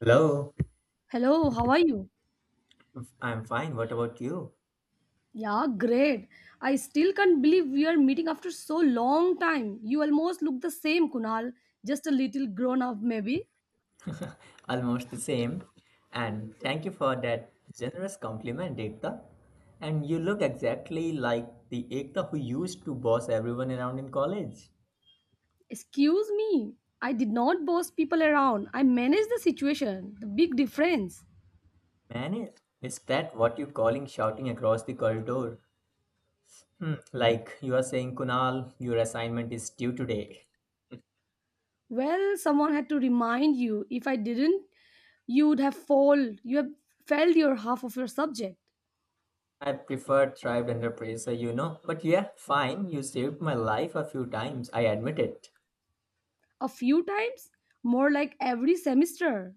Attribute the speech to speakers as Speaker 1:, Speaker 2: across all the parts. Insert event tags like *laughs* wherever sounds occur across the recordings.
Speaker 1: Hello,
Speaker 2: Hello, how are you?
Speaker 1: I'm fine. What about you?
Speaker 2: Yeah, great. I still can't believe we are meeting after so long time. You almost look the same, Kunal, just a little grown up maybe.
Speaker 1: Almost the same. And thank you for that generous compliment, Ekta. And you look exactly like the Ekta who used to boss everyone around in college.
Speaker 2: Excuse me. I did not boss people around. I managed the situation. The big difference.
Speaker 1: Man, is that what you're calling shouting across the corridor? Hmm, like you are saying, Kunal, your assignment is due today.
Speaker 2: Well, someone had to remind you. If I didn't, you would have failed. You have failed your half of your subject.
Speaker 1: I prefer thrived under pressure, you know. But yeah, fine, you saved my life a few times, I admit it.
Speaker 2: A few times, more like every semester.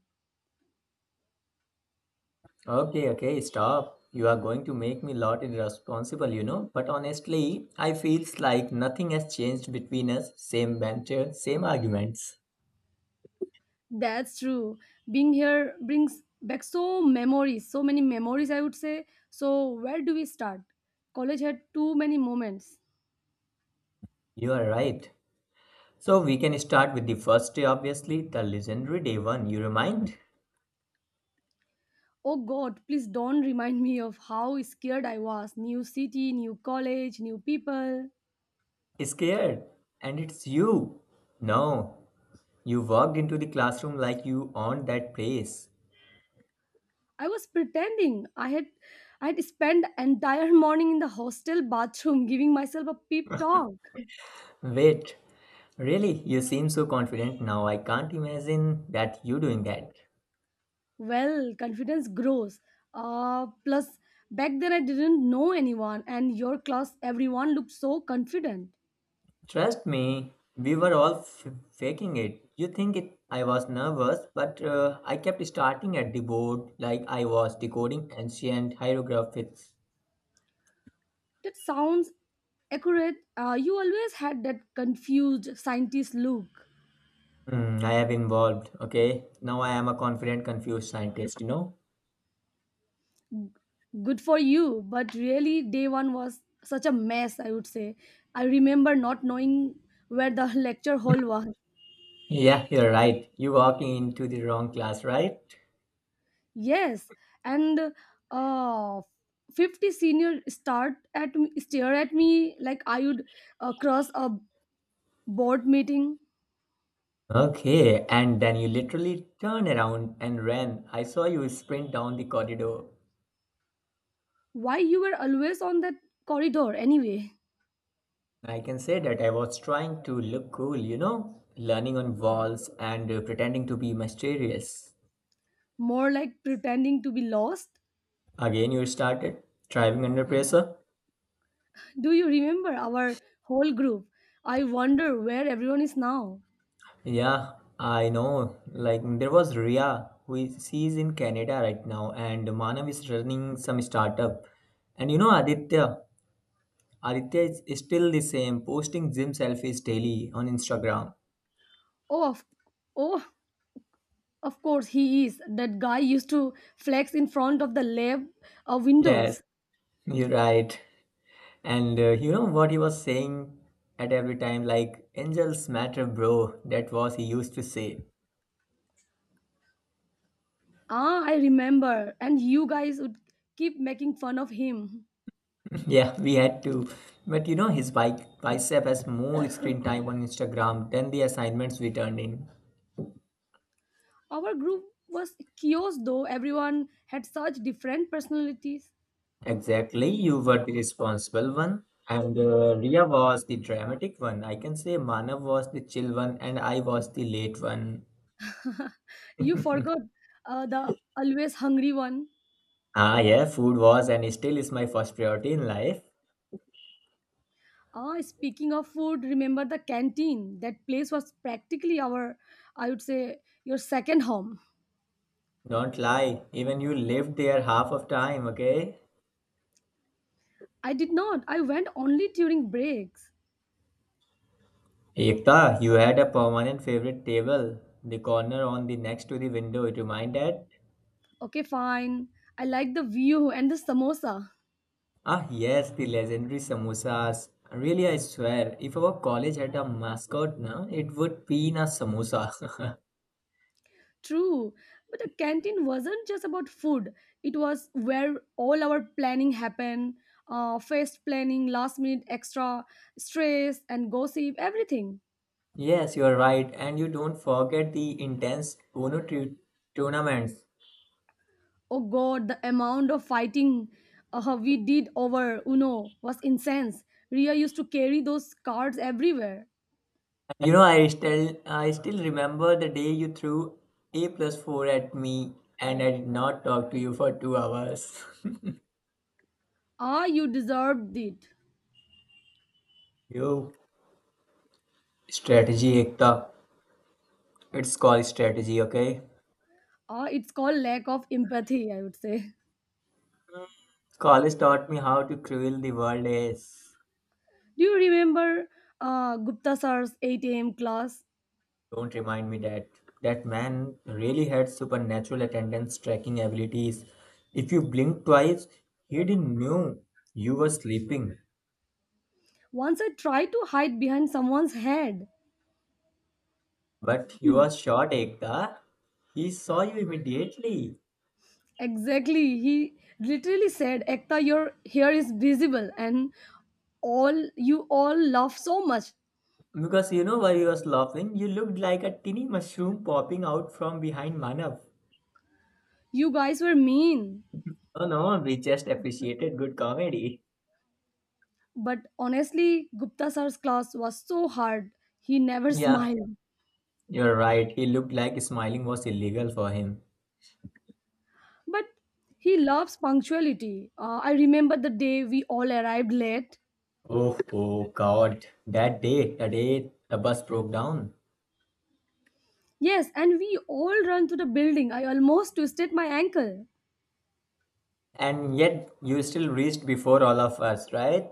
Speaker 1: Okay, okay, stop. You are going to make me lot irresponsible, you know. But honestly, I feels like nothing has changed between us. Same banter, same arguments.
Speaker 2: That's true. Being here brings back so memories, so many memories I would say. So where do we start? College had too many moments.
Speaker 1: You are right. So we can start with the first day, obviously, the legendary day one. You remind?
Speaker 2: Oh god, please don't remind me of how scared I was. New city, new college, new people.
Speaker 1: Scared. And it's you. No, you walked into the classroom like you owned that place.
Speaker 2: I was pretending. I had spent entire *laughs* morning in the hostel bathroom giving myself a pep talk.
Speaker 1: Wait, really? You seem so confident now. I can't imagine that you doing that.
Speaker 2: Well, confidence grows, plus back then I didn't know anyone, and your class everyone looked so confident.
Speaker 1: Trust me, we were all faking it. You think it, I was nervous, but I kept starting at the board like I was decoding ancient hieroglyphics.
Speaker 2: That sounds accurate. You always had that confused scientist look.
Speaker 1: Hmm, I have involved, okay? Now I am a confident, confused scientist, you know?
Speaker 2: Good for you, but really day one was such a mess, I would say. I remember not knowing where the *laughs* lecture hall was.
Speaker 1: Yeah, you're right. You walking into the wrong class, right?
Speaker 2: Yes, and uh 50 senior stare at me like I would cross a board meeting.
Speaker 1: Okay, and then you literally turned around and ran. I saw you sprint down the corridor.
Speaker 2: Why you were always on that corridor anyway?
Speaker 1: I can say that I was trying to look cool, you know, learning on walls and pretending to be mysterious.
Speaker 2: More like pretending to be lost.
Speaker 1: Again, you started driving under pressure.
Speaker 2: Do you remember our whole group? I wonder where everyone is now.
Speaker 1: Yeah, I know. Like there was Ria, who is she's in Canada right now, and Manav is running some startup. And you know Aditya, Aditya is still the same, posting gym selfies daily on Instagram.
Speaker 2: Oh of, oh of course he is. That guy used to flex in front of the lab,
Speaker 1: Yes,
Speaker 2: windows.
Speaker 1: you're right. And you know what he was saying at every time, like, angels matter, bro. That was he used to say.
Speaker 2: Ah, I remember, and you guys would keep making fun of him.
Speaker 1: *laughs* Yeah, we had to. But you know, his bike bicep has more screen time on Instagram than the assignments we turned in.
Speaker 2: Our group was chaos though, everyone had such different personalities.
Speaker 1: Exactly, you were the responsible one. And Ria was the dramatic one. I can say Manav was the chill one, and I was the late one.
Speaker 2: You forgot the always hungry one.
Speaker 1: Ah, yeah, food was and still is my first priority in life.
Speaker 2: Ah, speaking of food, remember the canteen? That place was practically our, I would say, your second home.
Speaker 1: Don't lie, even you lived there half of time, okay?
Speaker 2: I did not. I went only during breaks.
Speaker 1: Ekta, you had a permanent favorite table, the corner on the next to the window, it reminded.
Speaker 2: Okay, fine. I like the view and the samosa.
Speaker 1: Ah, yes, the legendary samosas. Really, I swear, if our college had a mascot, na, it would be in a samosa. *laughs*
Speaker 2: True. But the canteen wasn't just about food, it was where all our planning happened. Fest planning, last minute extra, stress, and gossip, everything.
Speaker 1: Yes, you are right, and you don't forget the intense Uno tournaments.
Speaker 2: Oh god, the amount of fighting we did over Uno was incense. Ria used to carry those cards everywhere.
Speaker 1: You know, I still remember the day you threw a plus four at me, and I did not talk to you for 2 hours. *laughs*
Speaker 2: Ah, you deserved it.
Speaker 1: Yo, strategy, Ekta. It's called strategy, okay?
Speaker 2: Ah, it's called lack of empathy, I would say.
Speaker 1: College taught me how to cruel the world is.
Speaker 2: *laughs* Do you remember Gupta sir's 8 a.m. class?
Speaker 1: Don't remind me that. That man really had supernatural attendance tracking abilities. If you blinked twice, he didn't know you were sleeping.
Speaker 2: Once I tried to hide behind someone's head.
Speaker 1: But you
Speaker 2: Hmm.
Speaker 1: were short, Ekta. He saw you immediately.
Speaker 2: Exactly. He literally said, Ekta, your hair is visible, and all you all laugh so much.
Speaker 1: Because you know why he was laughing? You looked like a tiny mushroom popping out from behind Manav.
Speaker 2: You guys were mean.
Speaker 1: Oh no, we just appreciated good comedy.
Speaker 2: But honestly, Gupta sir's class was so hard. He never *laughs*
Speaker 1: Yeah,
Speaker 2: smiled.
Speaker 1: you're right. He looked like smiling was illegal for him.
Speaker 2: But he loves punctuality. I remember the day we all arrived late.
Speaker 1: Oh, oh God. That day the bus broke down.
Speaker 2: Yes, and we all ran to the building. I almost twisted my ankle.
Speaker 1: And yet, you still reached before all of us, right?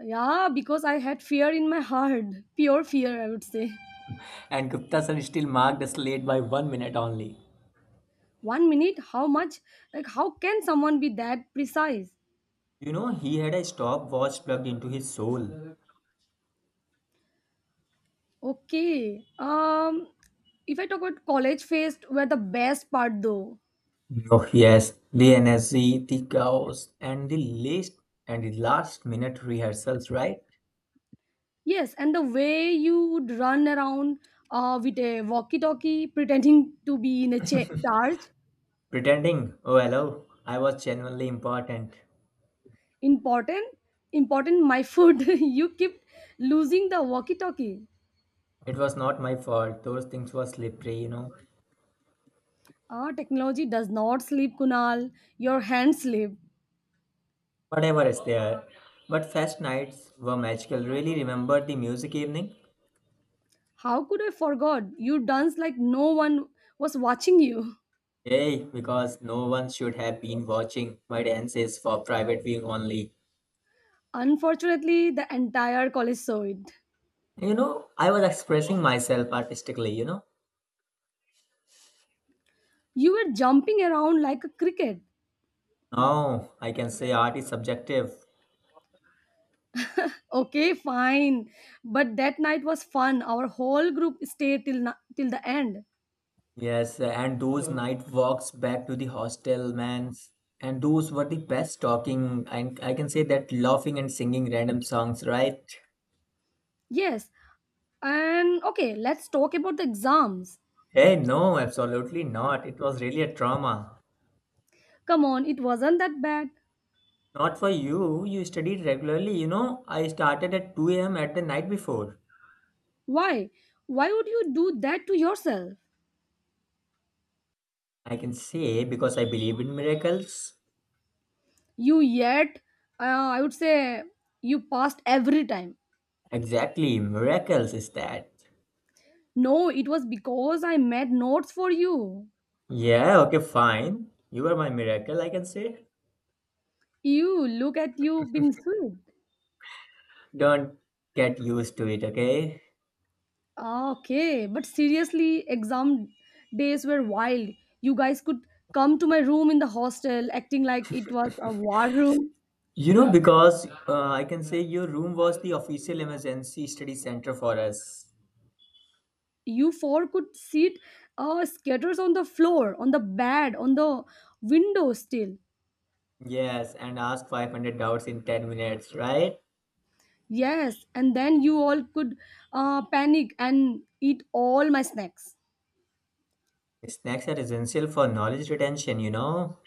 Speaker 2: Yeah, because I had fear in my heart. Pure fear, I would say.
Speaker 1: And Gupta sir still marked us late by 1 minute only.
Speaker 2: 1 minute, how much? Like, how can someone be that precise?
Speaker 1: You know, he had a stopwatch plugged into his soul.
Speaker 2: Okay. If I talk about college fest, were the best part though.
Speaker 1: Oh, yes. The energy, the chaos, and the least and the last minute rehearsals, right?
Speaker 2: Yes, and the way you would run around with a walkie-talkie, pretending to be in a charge.
Speaker 1: Pretending, oh, hello, I was genuinely important.
Speaker 2: Important, important. My food. *laughs* You keep losing the walkie-talkie.
Speaker 1: It was not my fault. Those things were slippery, you know.
Speaker 2: Ah, technology does not sleep, Kunal. Your hands sleep.
Speaker 1: Whatever is there. But fest nights were magical. Really remember the music evening?
Speaker 2: How could I forgot? You dance like no one was watching you.
Speaker 1: Yay, because no one should have been watching my dances for private viewing only.
Speaker 2: Unfortunately, the entire college saw it.
Speaker 1: You know, I was expressing myself artistically, you know.
Speaker 2: You were jumping around like a cricket.
Speaker 1: Now I can say art is subjective.
Speaker 2: Okay, fine. But that night was fun. Our whole group stayed till till the end.
Speaker 1: Yes, and those night walks back to the hostel, man. And those were the best talking, and I can say that laughing and singing random songs, right?
Speaker 2: Yes. And okay, let's talk about the exams.
Speaker 1: Hey, no, absolutely not. It was really a trauma.
Speaker 2: Come on, it wasn't that bad.
Speaker 1: Not for you. You studied regularly. You know, I started at 2 a.m. at the night before.
Speaker 2: Why? Why would you do that to yourself?
Speaker 1: I can say because I believe in miracles.
Speaker 2: You yet, I would say you passed every time.
Speaker 1: Exactly, miracles is that.
Speaker 2: No, it was because I made notes for you.
Speaker 1: Yeah, okay, fine. You are my miracle, I can say.
Speaker 2: You look at you being sweet.
Speaker 1: Don't get used to it, okay?
Speaker 2: Ah, okay, but seriously, exam days were wild. You guys could come to my room in the hostel acting like it was a war room.
Speaker 1: You know, because I can say your room was the official emergency study center for us.
Speaker 2: You four could sit scatters on the floor, on the bed, on the window still.
Speaker 1: Yes, and ask 500 doubts in 10 minutes, right?
Speaker 2: Yes, and then you all could panic and eat all my snacks.
Speaker 1: Snacks are essential for knowledge retention, you know.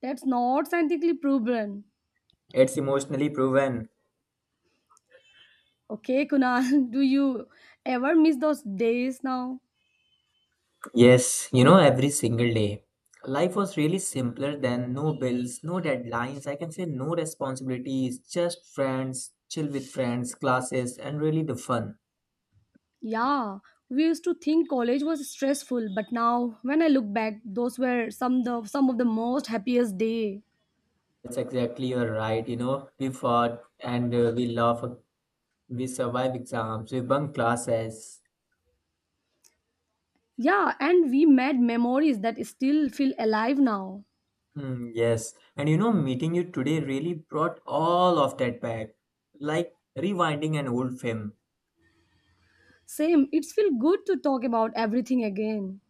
Speaker 2: That's not scientifically proven.
Speaker 1: It's emotionally proven.
Speaker 2: Okay, Kunal, *laughs* do you ever miss those days now?
Speaker 1: Yes, you know, every single day. Life was really simpler then. No bills, no deadlines. I can say no responsibilities, just friends, chill with friends, classes, and really the fun.
Speaker 2: Yeah, we used to think college was stressful, but now when I look back, those were some of the most happiest day.
Speaker 1: That's exactly you're right. You know, we fought and we laugh. We survive exams. We bunk classes.
Speaker 2: Yeah, and we made memories that still feel alive now.
Speaker 1: Hmm, yes, and you know, meeting you today really brought all of that back. Like rewinding an old film.
Speaker 2: Same, it's feel good to talk about everything again.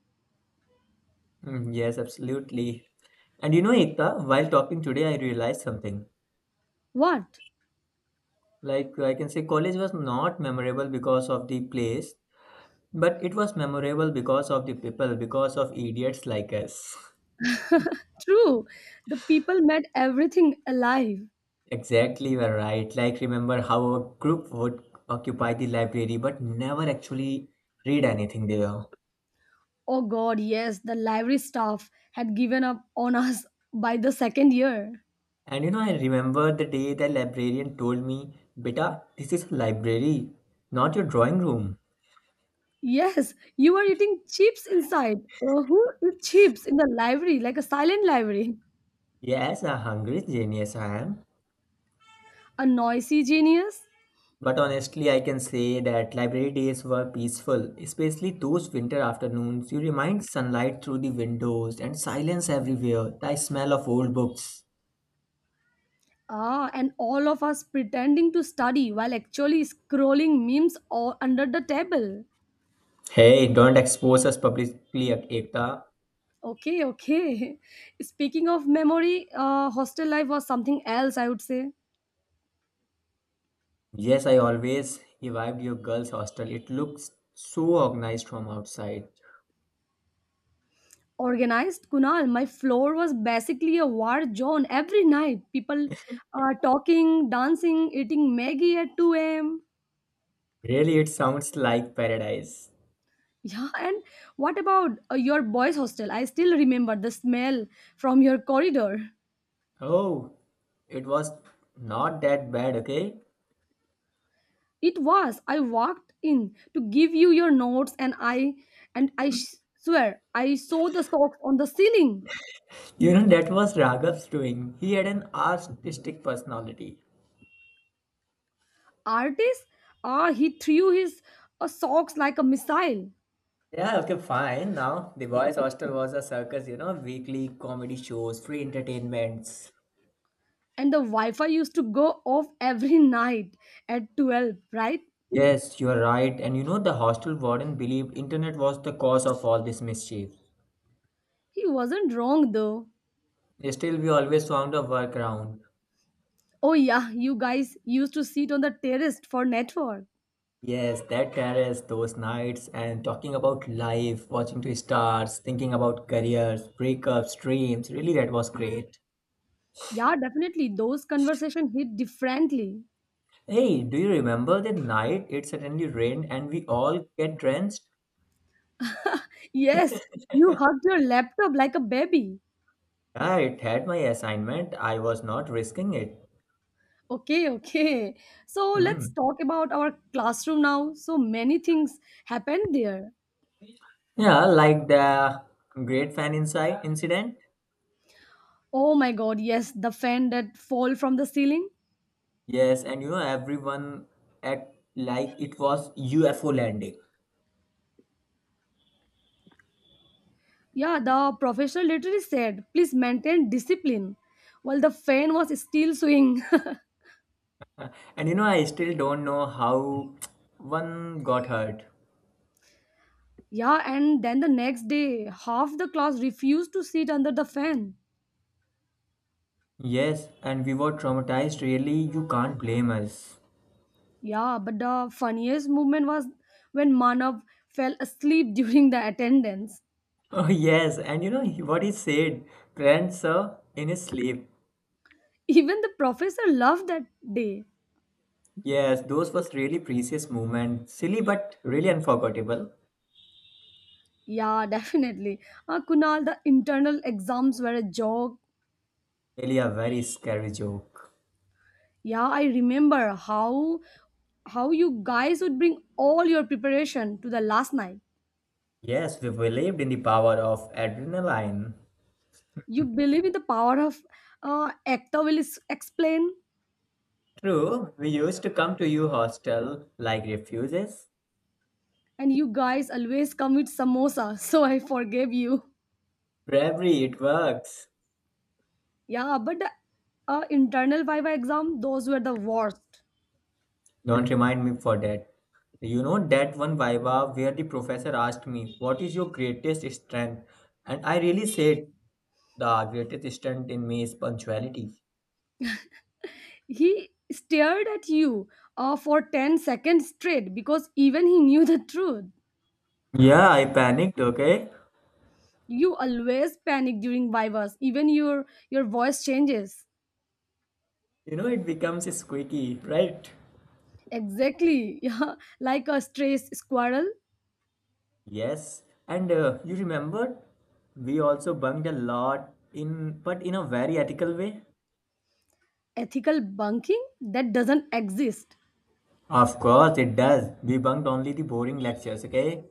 Speaker 1: Mm, yes, absolutely. And you know, Ekta, while talking today, I realized something.
Speaker 2: What?
Speaker 1: Like, I can say college was not memorable because of the place, but it was memorable because of the people, because of idiots like us.
Speaker 2: True, the people made everything alive.
Speaker 1: *laughs* Exactly, you are right. Like, remember how a group would occupy the library but never actually read anything there.
Speaker 2: Oh God, yes, the library staff had given up on us *laughs* by the second year.
Speaker 1: And you know, I remember the day the librarian told me, Beta, this is a library, not your drawing room.
Speaker 2: Yes, you are eating chips inside. Who eats chips in the library, like a silent library?
Speaker 1: Yes, a hungry genius I am.
Speaker 2: *laughs* A noisy genius?
Speaker 1: But honestly, I can say that library days were peaceful, especially those winter afternoons. You remind sunlight through the windows and silence everywhere, the smell of old books.
Speaker 2: Ah, and all of us pretending to study while actually scrolling memes or under the table.
Speaker 1: Hey, don't expose us publicly, Ekta.
Speaker 2: Okay, okay. *laughs* Speaking of memory, hostel life was something else, I would say.
Speaker 1: Yes, I always revived your girls' hostel. It looks so organized from outside.
Speaker 2: Organized, Kunal, my floor was basically a war zone every night. People talking, dancing, eating Maggie at 2 a.m.
Speaker 1: Really, it sounds like paradise.
Speaker 2: Yeah, and what about your boys' hostel? I still remember the smell from your corridor.
Speaker 1: Oh, it was not that bad, okay?
Speaker 2: It was I walked in to give you your notes, and I swear I saw the socks on the ceiling.
Speaker 1: You know, that was Raghav's doing. He had an artistic personality.
Speaker 2: Artist, ah, he threw his socks like a missile,
Speaker 1: Yeah, okay, fine. Now, the boys' hostel was a circus, you know, weekly comedy shows, free entertainments.
Speaker 2: and the Wi-Fi used to go off every *laughs* night at 12. Right?
Speaker 1: Yes, you are right. And you know, the hostel warden believed internet was the cause of all this mischief.
Speaker 2: He wasn't wrong though.
Speaker 1: Still, we always found a workaround.
Speaker 2: Oh yeah, you guys used to sit on the terrace for network.
Speaker 1: Yes, that terrace, those nights, and talking about life, watching to stars, thinking about careers, breakups, dreams. Really, that was great.
Speaker 2: Yeah, definitely. Those conversations hit differently.
Speaker 1: Hey, do you remember that night it suddenly rained and we all get drenched?
Speaker 2: Yes, you hugged your laptop like a baby.
Speaker 1: Yeah, it had my assignment. I was not risking it.
Speaker 2: Okay, okay. So let's
Speaker 1: Hmm.
Speaker 2: talk about our classroom now. So many things happened there.
Speaker 1: Yeah, like the great fan inside incident.
Speaker 2: Oh my god, yes, the fan that fall from the ceiling.
Speaker 1: Yes, and you know everyone act like it was UFO landing.
Speaker 2: Yeah, the professor literally said, please maintain discipline. While the fan was still swinging.
Speaker 1: And you know I still don't know how one got hurt.
Speaker 2: *laughs* Yeah, and then the next day, half the class refused to sit under the fan.
Speaker 1: Yes, and we were traumatized. Really, you can't blame us. *laughs*
Speaker 2: Yeah, but the funniest moment was when Manav fell asleep *laughs* during the attendance.
Speaker 1: Oh yes, and you know what he said, friend sir, in his sleep.
Speaker 2: Even the professor loved that day.
Speaker 1: Yes, those was really precious moment. Silly but really unforgettable.
Speaker 2: Yeah, *laughs* definitely. Kunal, the internal exams were a joke.
Speaker 1: Really a very scary joke.
Speaker 2: Yeah, I remember how you guys would bring all your preparation to the last night.
Speaker 1: Yes, we believed in the power of adrenaline.
Speaker 2: You believe in the power of actor will explain,
Speaker 1: True, we used to come to you hostel like refuses.
Speaker 2: and you guys always come with samosa. *laughs* So I forgave you.
Speaker 1: Bravery, it works.
Speaker 2: Yeah, but the internal Viva exam, those were the worst.
Speaker 1: Don't remind me for that. You know that one viva where the professor asked me, what is your greatest strength? And I really said, the greatest strength in me is punctuality.
Speaker 2: He stared at you for 10 seconds straight because even he knew the truth.
Speaker 1: Yeah, I panicked, okay?
Speaker 2: You always panic during Vivas, even your voice changes.
Speaker 1: You know, it becomes squeaky, right?
Speaker 2: Exactly. *laughs* Yeah, like a stray squirrel.
Speaker 1: Yes, and you remembered we also bunked a lot in, but in a very ethical way.
Speaker 2: Ethical bunking that doesn't exist.
Speaker 1: Of course, it does. We bunked only the boring lectures, okay?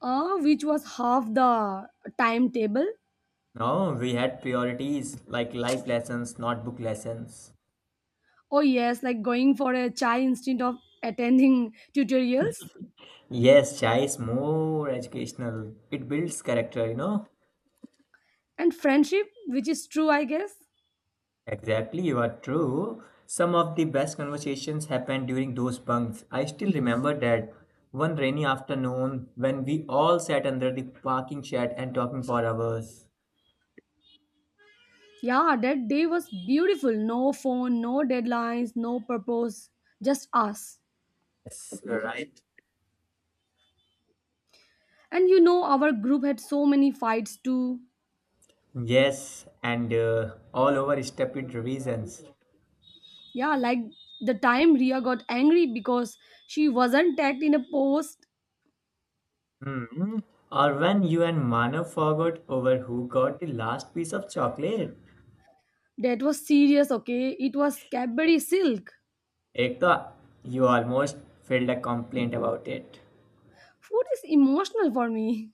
Speaker 2: Which was half the timetable.
Speaker 1: No, we had priorities like life lessons, not book lessons.
Speaker 2: Oh yes, like going for a chai instead of attending tutorials,
Speaker 1: Yes, chai is more educational. It builds character, you know.
Speaker 2: and friendship, which is true, I guess.
Speaker 1: Exactly, you are true. Some of the best conversations happened during those bunks. I still remember that one rainy afternoon when we all sat under the parking shed and talking for hours.
Speaker 2: Yeah, that day was beautiful. No phone, no deadlines, no purpose, just us.
Speaker 1: Yes, you're right.
Speaker 2: And our group had so many fights too.
Speaker 1: Yes, and all over stupid reasons.
Speaker 2: Yeah, like the time Ria got angry because she wasn't tagged in a post.
Speaker 1: Hmm. Or when you and Manav forgot over who got the last piece of chocolate.
Speaker 2: That was serious, okay? It was Cadbury Silk.
Speaker 1: Ekta, you almost filed a complaint about it.
Speaker 2: Food is emotional for me.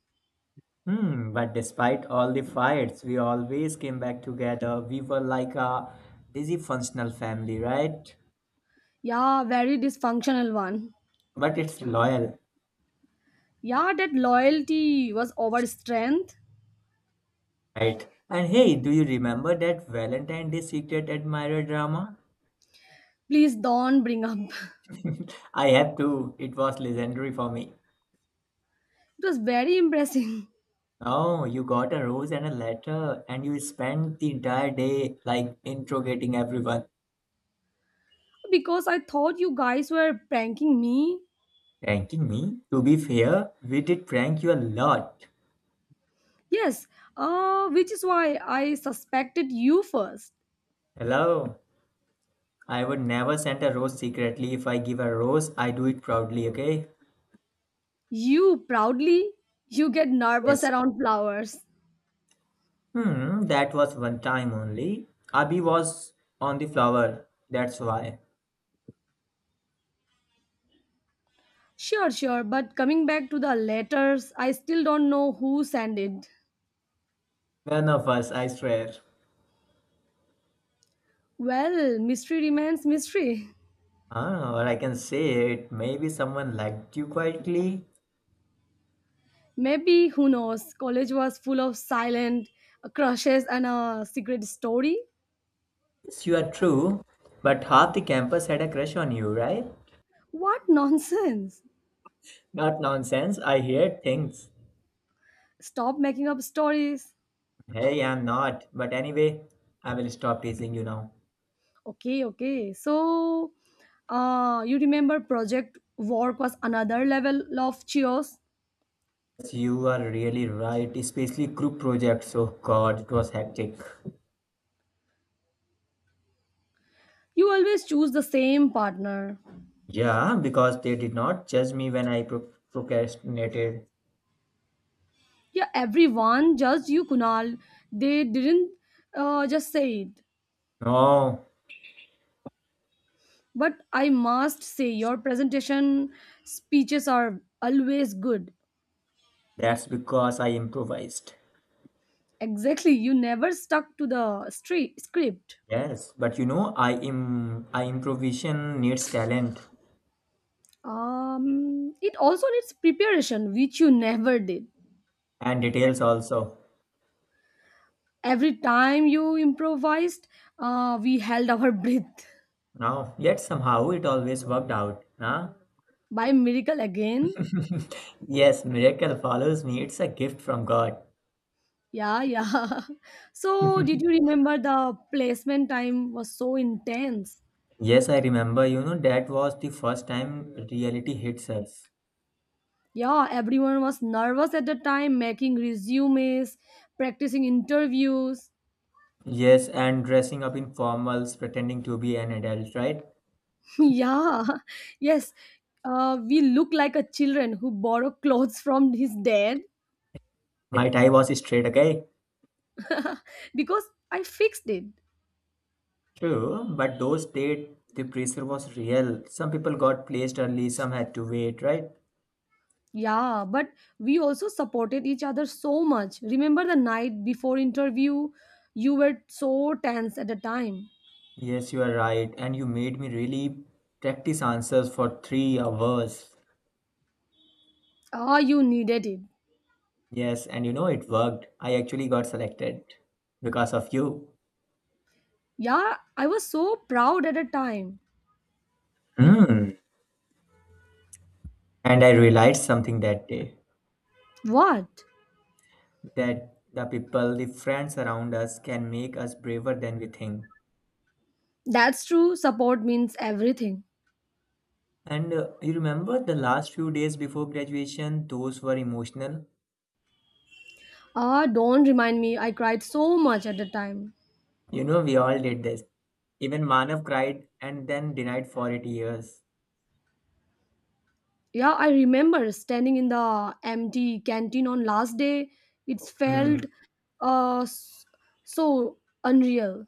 Speaker 1: Hmm, but despite all the fights, we always came back together. We were like a dysfunctional family, right?
Speaker 2: Yeah, very dysfunctional one.
Speaker 1: But it's loyal,
Speaker 2: Yeah, that loyalty was over strength.
Speaker 1: right? And hey, do you remember that Valentine Day Secret Admirer drama?
Speaker 2: Please don't bring up. *laughs*
Speaker 1: *laughs* I have to. It was legendary for me.
Speaker 2: It was very impressive.
Speaker 1: Oh, you got a rose and a letter, and you spent the entire day like interrogating everyone.
Speaker 2: *laughs* Because I thought you guys were pranking me.
Speaker 1: Pranking me? To be fair, we did prank you a lot.
Speaker 2: Yes, which is why I suspected you first.
Speaker 1: Hello? I would never send a rose secretly. If I give a rose, I do it proudly, okay?
Speaker 2: You proudly, you get nervous
Speaker 1: Yes.
Speaker 2: around flowers.
Speaker 1: Hmm, that was one time only. Abhi was on the flower. That's why.
Speaker 2: Sure, sure, but coming back to the letters, I still don't know who sent it.
Speaker 1: None of us, I swear.
Speaker 2: Well, mystery remains mystery.
Speaker 1: Ah, or I can say it. Maybe someone liked you quietly.
Speaker 2: Maybe, who knows, college was full of silent crushes and a secret story.
Speaker 1: Yes, you are true. But half the campus had a crush on you, right?
Speaker 2: What nonsense!
Speaker 1: Not nonsense. I hear things.
Speaker 2: Stop making up stories.
Speaker 1: Hey, I'm not. But anyway, I will stop teasing you now.
Speaker 2: Okay, okay. So, you remember project work was another level of cheers.
Speaker 1: You are really right, especially group projects. Oh God, it was hectic.
Speaker 2: You always choose the same partner.
Speaker 1: Yeah, because they did not judge me when I procrastinated.
Speaker 2: Yeah, everyone, just you, Kunal. They didn't just say it.
Speaker 1: No,
Speaker 2: But I must say, your presentation speeches are always good.
Speaker 1: that's because I improvised.
Speaker 2: Exactly, you never stuck to the script.
Speaker 1: Yes, but you know, I improvisation needs talent
Speaker 2: It also needs preparation, which you never did.
Speaker 1: and details also.
Speaker 2: Every time you improvised, we held our *laughs* breath.
Speaker 1: Now, yet somehow it always worked out. Huh?
Speaker 2: By miracle again.
Speaker 1: *laughs* Yes, miracle follows me. It's a gift from God.
Speaker 2: Yeah, yeah. *laughs* So, did you remember the placement time was so intense?
Speaker 1: Yes, I remember, you know, that was the first time reality hits us.
Speaker 2: Yeah, everyone was nervous at the time, making resumes, practicing interviews.
Speaker 1: Yes, and dressing up in formals, pretending to be an adult, right?
Speaker 2: *laughs* Yeah, yes. We look like a children who borrow clothes from his dad.
Speaker 1: My tie was straight, okay?
Speaker 2: *laughs* Because I fixed it.
Speaker 1: True, but those days, the pressure was real. Some people got placed early, some had to wait, right?
Speaker 2: Yeah, but we also supported each other so much. Remember the night before interview, you were so tense at the time.
Speaker 1: Yes, you are right. And you made me really practice answers for 3 hours.
Speaker 2: Ah, you needed it.
Speaker 1: Yes, and you know, it worked. I actually got selected because of you.
Speaker 2: Yeah, I was so proud at the time.
Speaker 1: Hmm. And I realized something that day,
Speaker 2: What?
Speaker 1: that the people, the friends around us can make us braver than we think.
Speaker 2: That's true. Support means everything.
Speaker 1: And you remember the last few days before graduation, those were emotional.
Speaker 2: Ah, don't remind me. I cried so much at the time.
Speaker 1: You know, we all did this. Even Manav cried and then denied for 8 years.
Speaker 2: Yeah, I remember standing in the empty canteen on last day. It felt
Speaker 1: Hmm,
Speaker 2: uh s- so unreal.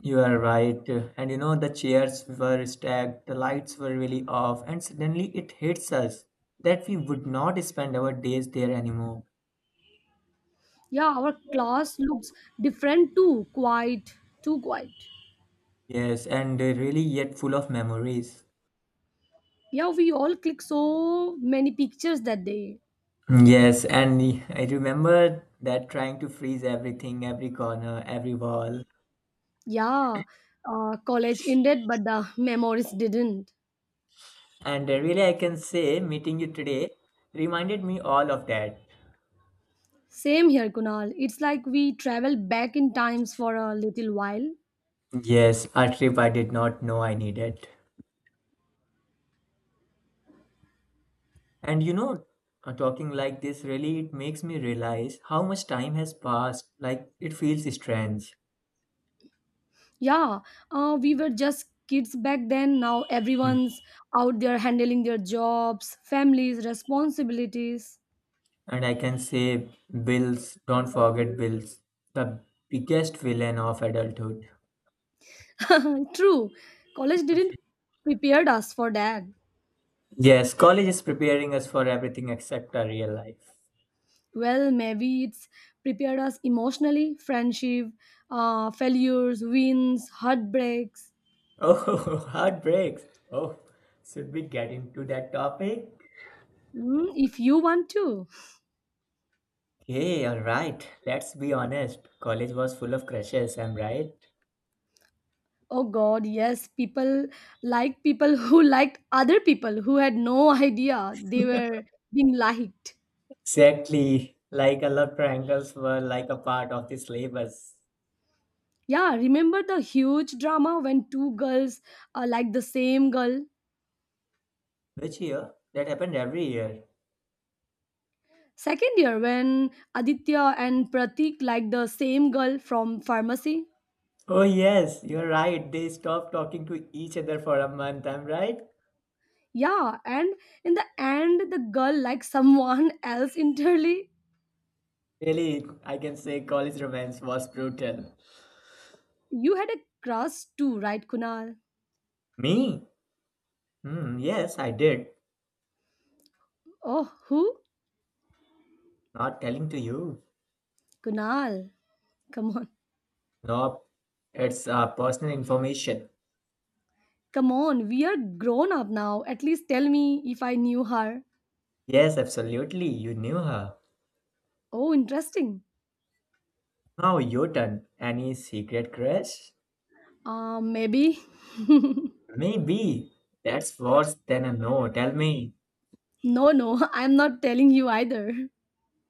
Speaker 1: you are right. And you know, the chairs were stacked, the lights were really off, and suddenly it hits us that we would not spend our days there anymore.
Speaker 2: Yeah, our class looks different too. Too quiet.
Speaker 1: Yes, and really yet full of memories.
Speaker 2: Yeah, we all click so many pictures that day.
Speaker 1: Yes, and I remember that trying to freeze everything, every corner, every wall.
Speaker 2: Yeah, college ended, but the memories didn't.
Speaker 1: And really, I can say meeting you today reminded me all of that.
Speaker 2: Same here, Kunal. It's like we travel back in times for a little while.
Speaker 1: Yes, a trip I did not know I needed. And you know, talking like this really it makes me realize how much time has passed. Like it feels strange.
Speaker 2: Yeah, we were just kids back then. Now
Speaker 1: Mm.
Speaker 2: everyone's out there handling their jobs, families, responsibilities.
Speaker 1: And I can say bills, don't forget bills, the biggest villain of adulthood.
Speaker 2: *laughs* True, college didn't prepared us for that.
Speaker 1: Yes, college is preparing us for everything except our real life.
Speaker 2: Well, maybe it's prepared us emotionally: friendship, failures, wins, heartbreaks.
Speaker 1: Oh, *laughs* heartbreaks. Oh, should we get into that topic?
Speaker 2: Mm, if you want to.
Speaker 1: Hey, all right. Let's be honest. College was full of crushes, am right?
Speaker 2: Oh god, yes, people, like people *laughs* who liked other people who had no idea they were being liked.
Speaker 1: Exactly. Like a lot triangles were like a part of the syllabus.
Speaker 2: Yeah, remember the huge drama when two girls liked the same girl?
Speaker 1: Which year? That happened every year.
Speaker 2: Second year when Aditya and Pratik liked the same girl from pharmacy.
Speaker 1: Oh yes, you're right. They stopped talking to each other for a month, am right?
Speaker 2: Yeah, and in the end, the girl liked someone *laughs* else entirely.
Speaker 1: Really, I can say college romance was brutal.
Speaker 2: You had a crush too, right, Kunal?
Speaker 1: Me? Hmm, yes, I did.
Speaker 2: Oh, who?
Speaker 1: Not telling to you.
Speaker 2: Kunal. Come on.
Speaker 1: Nope. It's personal information.
Speaker 2: Come on, we are grown up now. At least tell me if I knew her.
Speaker 1: Yes, absolutely. You knew her.
Speaker 2: Oh, interesting.
Speaker 1: Now your turn. Any secret crush?
Speaker 2: Maybe. *laughs* No,
Speaker 1: Maybe. That's worse than a no. Tell me.
Speaker 2: no, I'm not telling you either.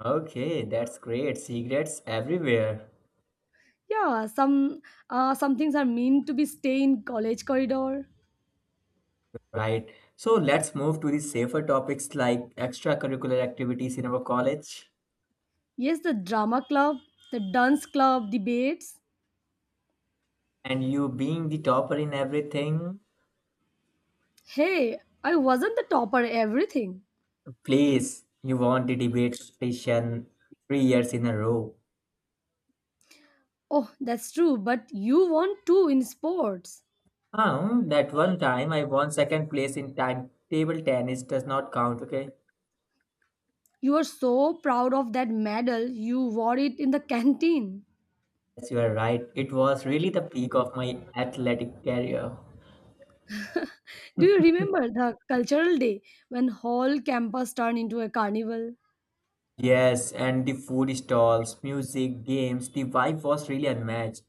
Speaker 1: Okay, that's great. Secrets everywhere.
Speaker 2: Yeah, some things are meant to be stay in college corridor.
Speaker 1: Right. So let's move to the safer topics like extracurricular activities in our college
Speaker 2: Yes, the drama club, the dance club debates.
Speaker 1: and you being the topper in everything.
Speaker 2: Hey, I wasn't the topper everything.
Speaker 1: Please, you won the debate session 3 years in a row.
Speaker 2: Oh, that's true, but you won two in sports.
Speaker 1: That one time I won second place in timetable tennis does not count, okay?
Speaker 2: You are so proud of that medal, you wore it in the canteen.
Speaker 1: Yes, you are right. It was really the peak of my athletic career.
Speaker 2: Do you remember the cultural day when whole campus turned into a carnival?
Speaker 1: Yes, and the food stalls, music, games, the vibe was really unmatched.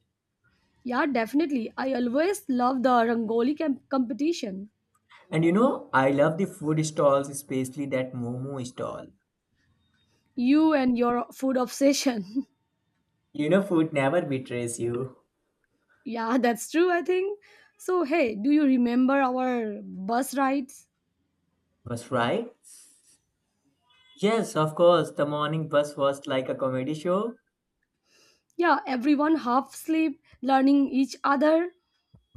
Speaker 2: Yeah, definitely. I always loved the Rangoli competition.
Speaker 1: And you know, I love the food stalls, especially that Momo stall.
Speaker 2: You and your food obsession.
Speaker 1: You know, food never betrays you.
Speaker 2: *laughs* Yeah, that's true, I think. So, hey, do you remember our bus rides?
Speaker 1: Was right? Yes, of course. The morning bus was like a comedy show.
Speaker 2: Yeah, everyone half asleep, learning each other.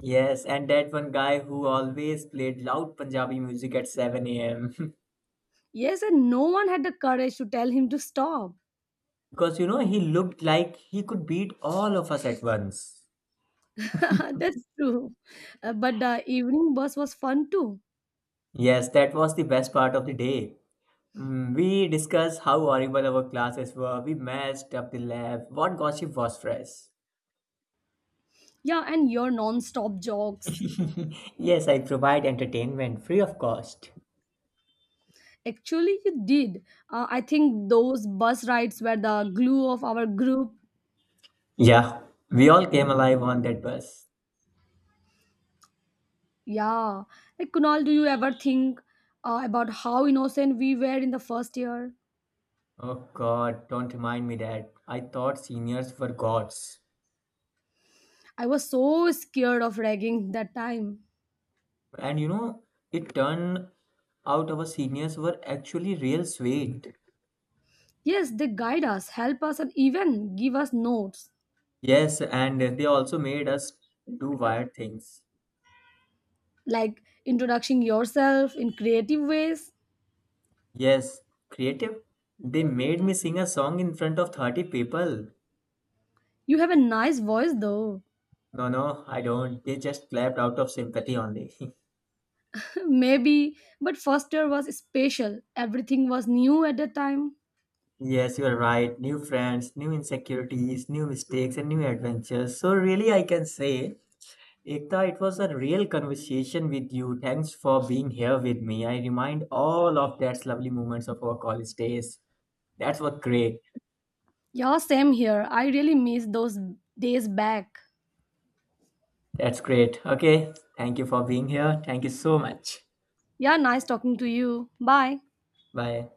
Speaker 1: Yes, and that one guy who always played loud Punjabi music at 7 a.m.
Speaker 2: Yes, and no one had the courage to tell him to stop.
Speaker 1: *laughs* Because you know, he looked like he could beat all of us at once.
Speaker 2: *laughs* That's true. But the evening bus was fun too.
Speaker 1: Yes, that was the best part of the day. Mm, we discussed how horrible our classes were, we messed up the lab, what gossip was fresh.
Speaker 2: Yeah, and your non-stop jokes.
Speaker 1: *laughs* Yes, I provide entertainment free of cost.
Speaker 2: Actually, you did. I think those bus rides were the glue of our group.
Speaker 1: Yeah, we all came alive on that bus.
Speaker 2: Yeah. Like, Kunal, do you ever think about how innocent we were in the first year?
Speaker 1: Oh God, don't remind me that. I thought seniors were gods.
Speaker 2: I was so scared of ragging that time.
Speaker 1: And you know, it turned out our seniors were actually real sweet.
Speaker 2: Yes, they guide us, help us, and even give us notes
Speaker 1: Yes, and they also made us do wild things.
Speaker 2: like introducing yourself in creative ways.
Speaker 1: Yes, creative. They made me sing a song in front of 30 people.
Speaker 2: You have a nice voice though.
Speaker 1: No, no, I don't. They just clapped out of sympathy only. *laughs*
Speaker 2: *laughs* Maybe, but first year was special. Everything was new at the time.
Speaker 1: Yes, you are right. New friends, new insecurities, new mistakes, and new adventures. So, really, I can say, Ekta, it was a real conversation with you. Thanks for being here with me. I remind all of that lovely moments of our college days. That's what great.
Speaker 2: Yeah, same here. I really miss those days back.
Speaker 1: That's great. Okay. Thank you for being here. Thank you so much.
Speaker 2: Yeah, nice talking to you. Bye.
Speaker 1: Bye.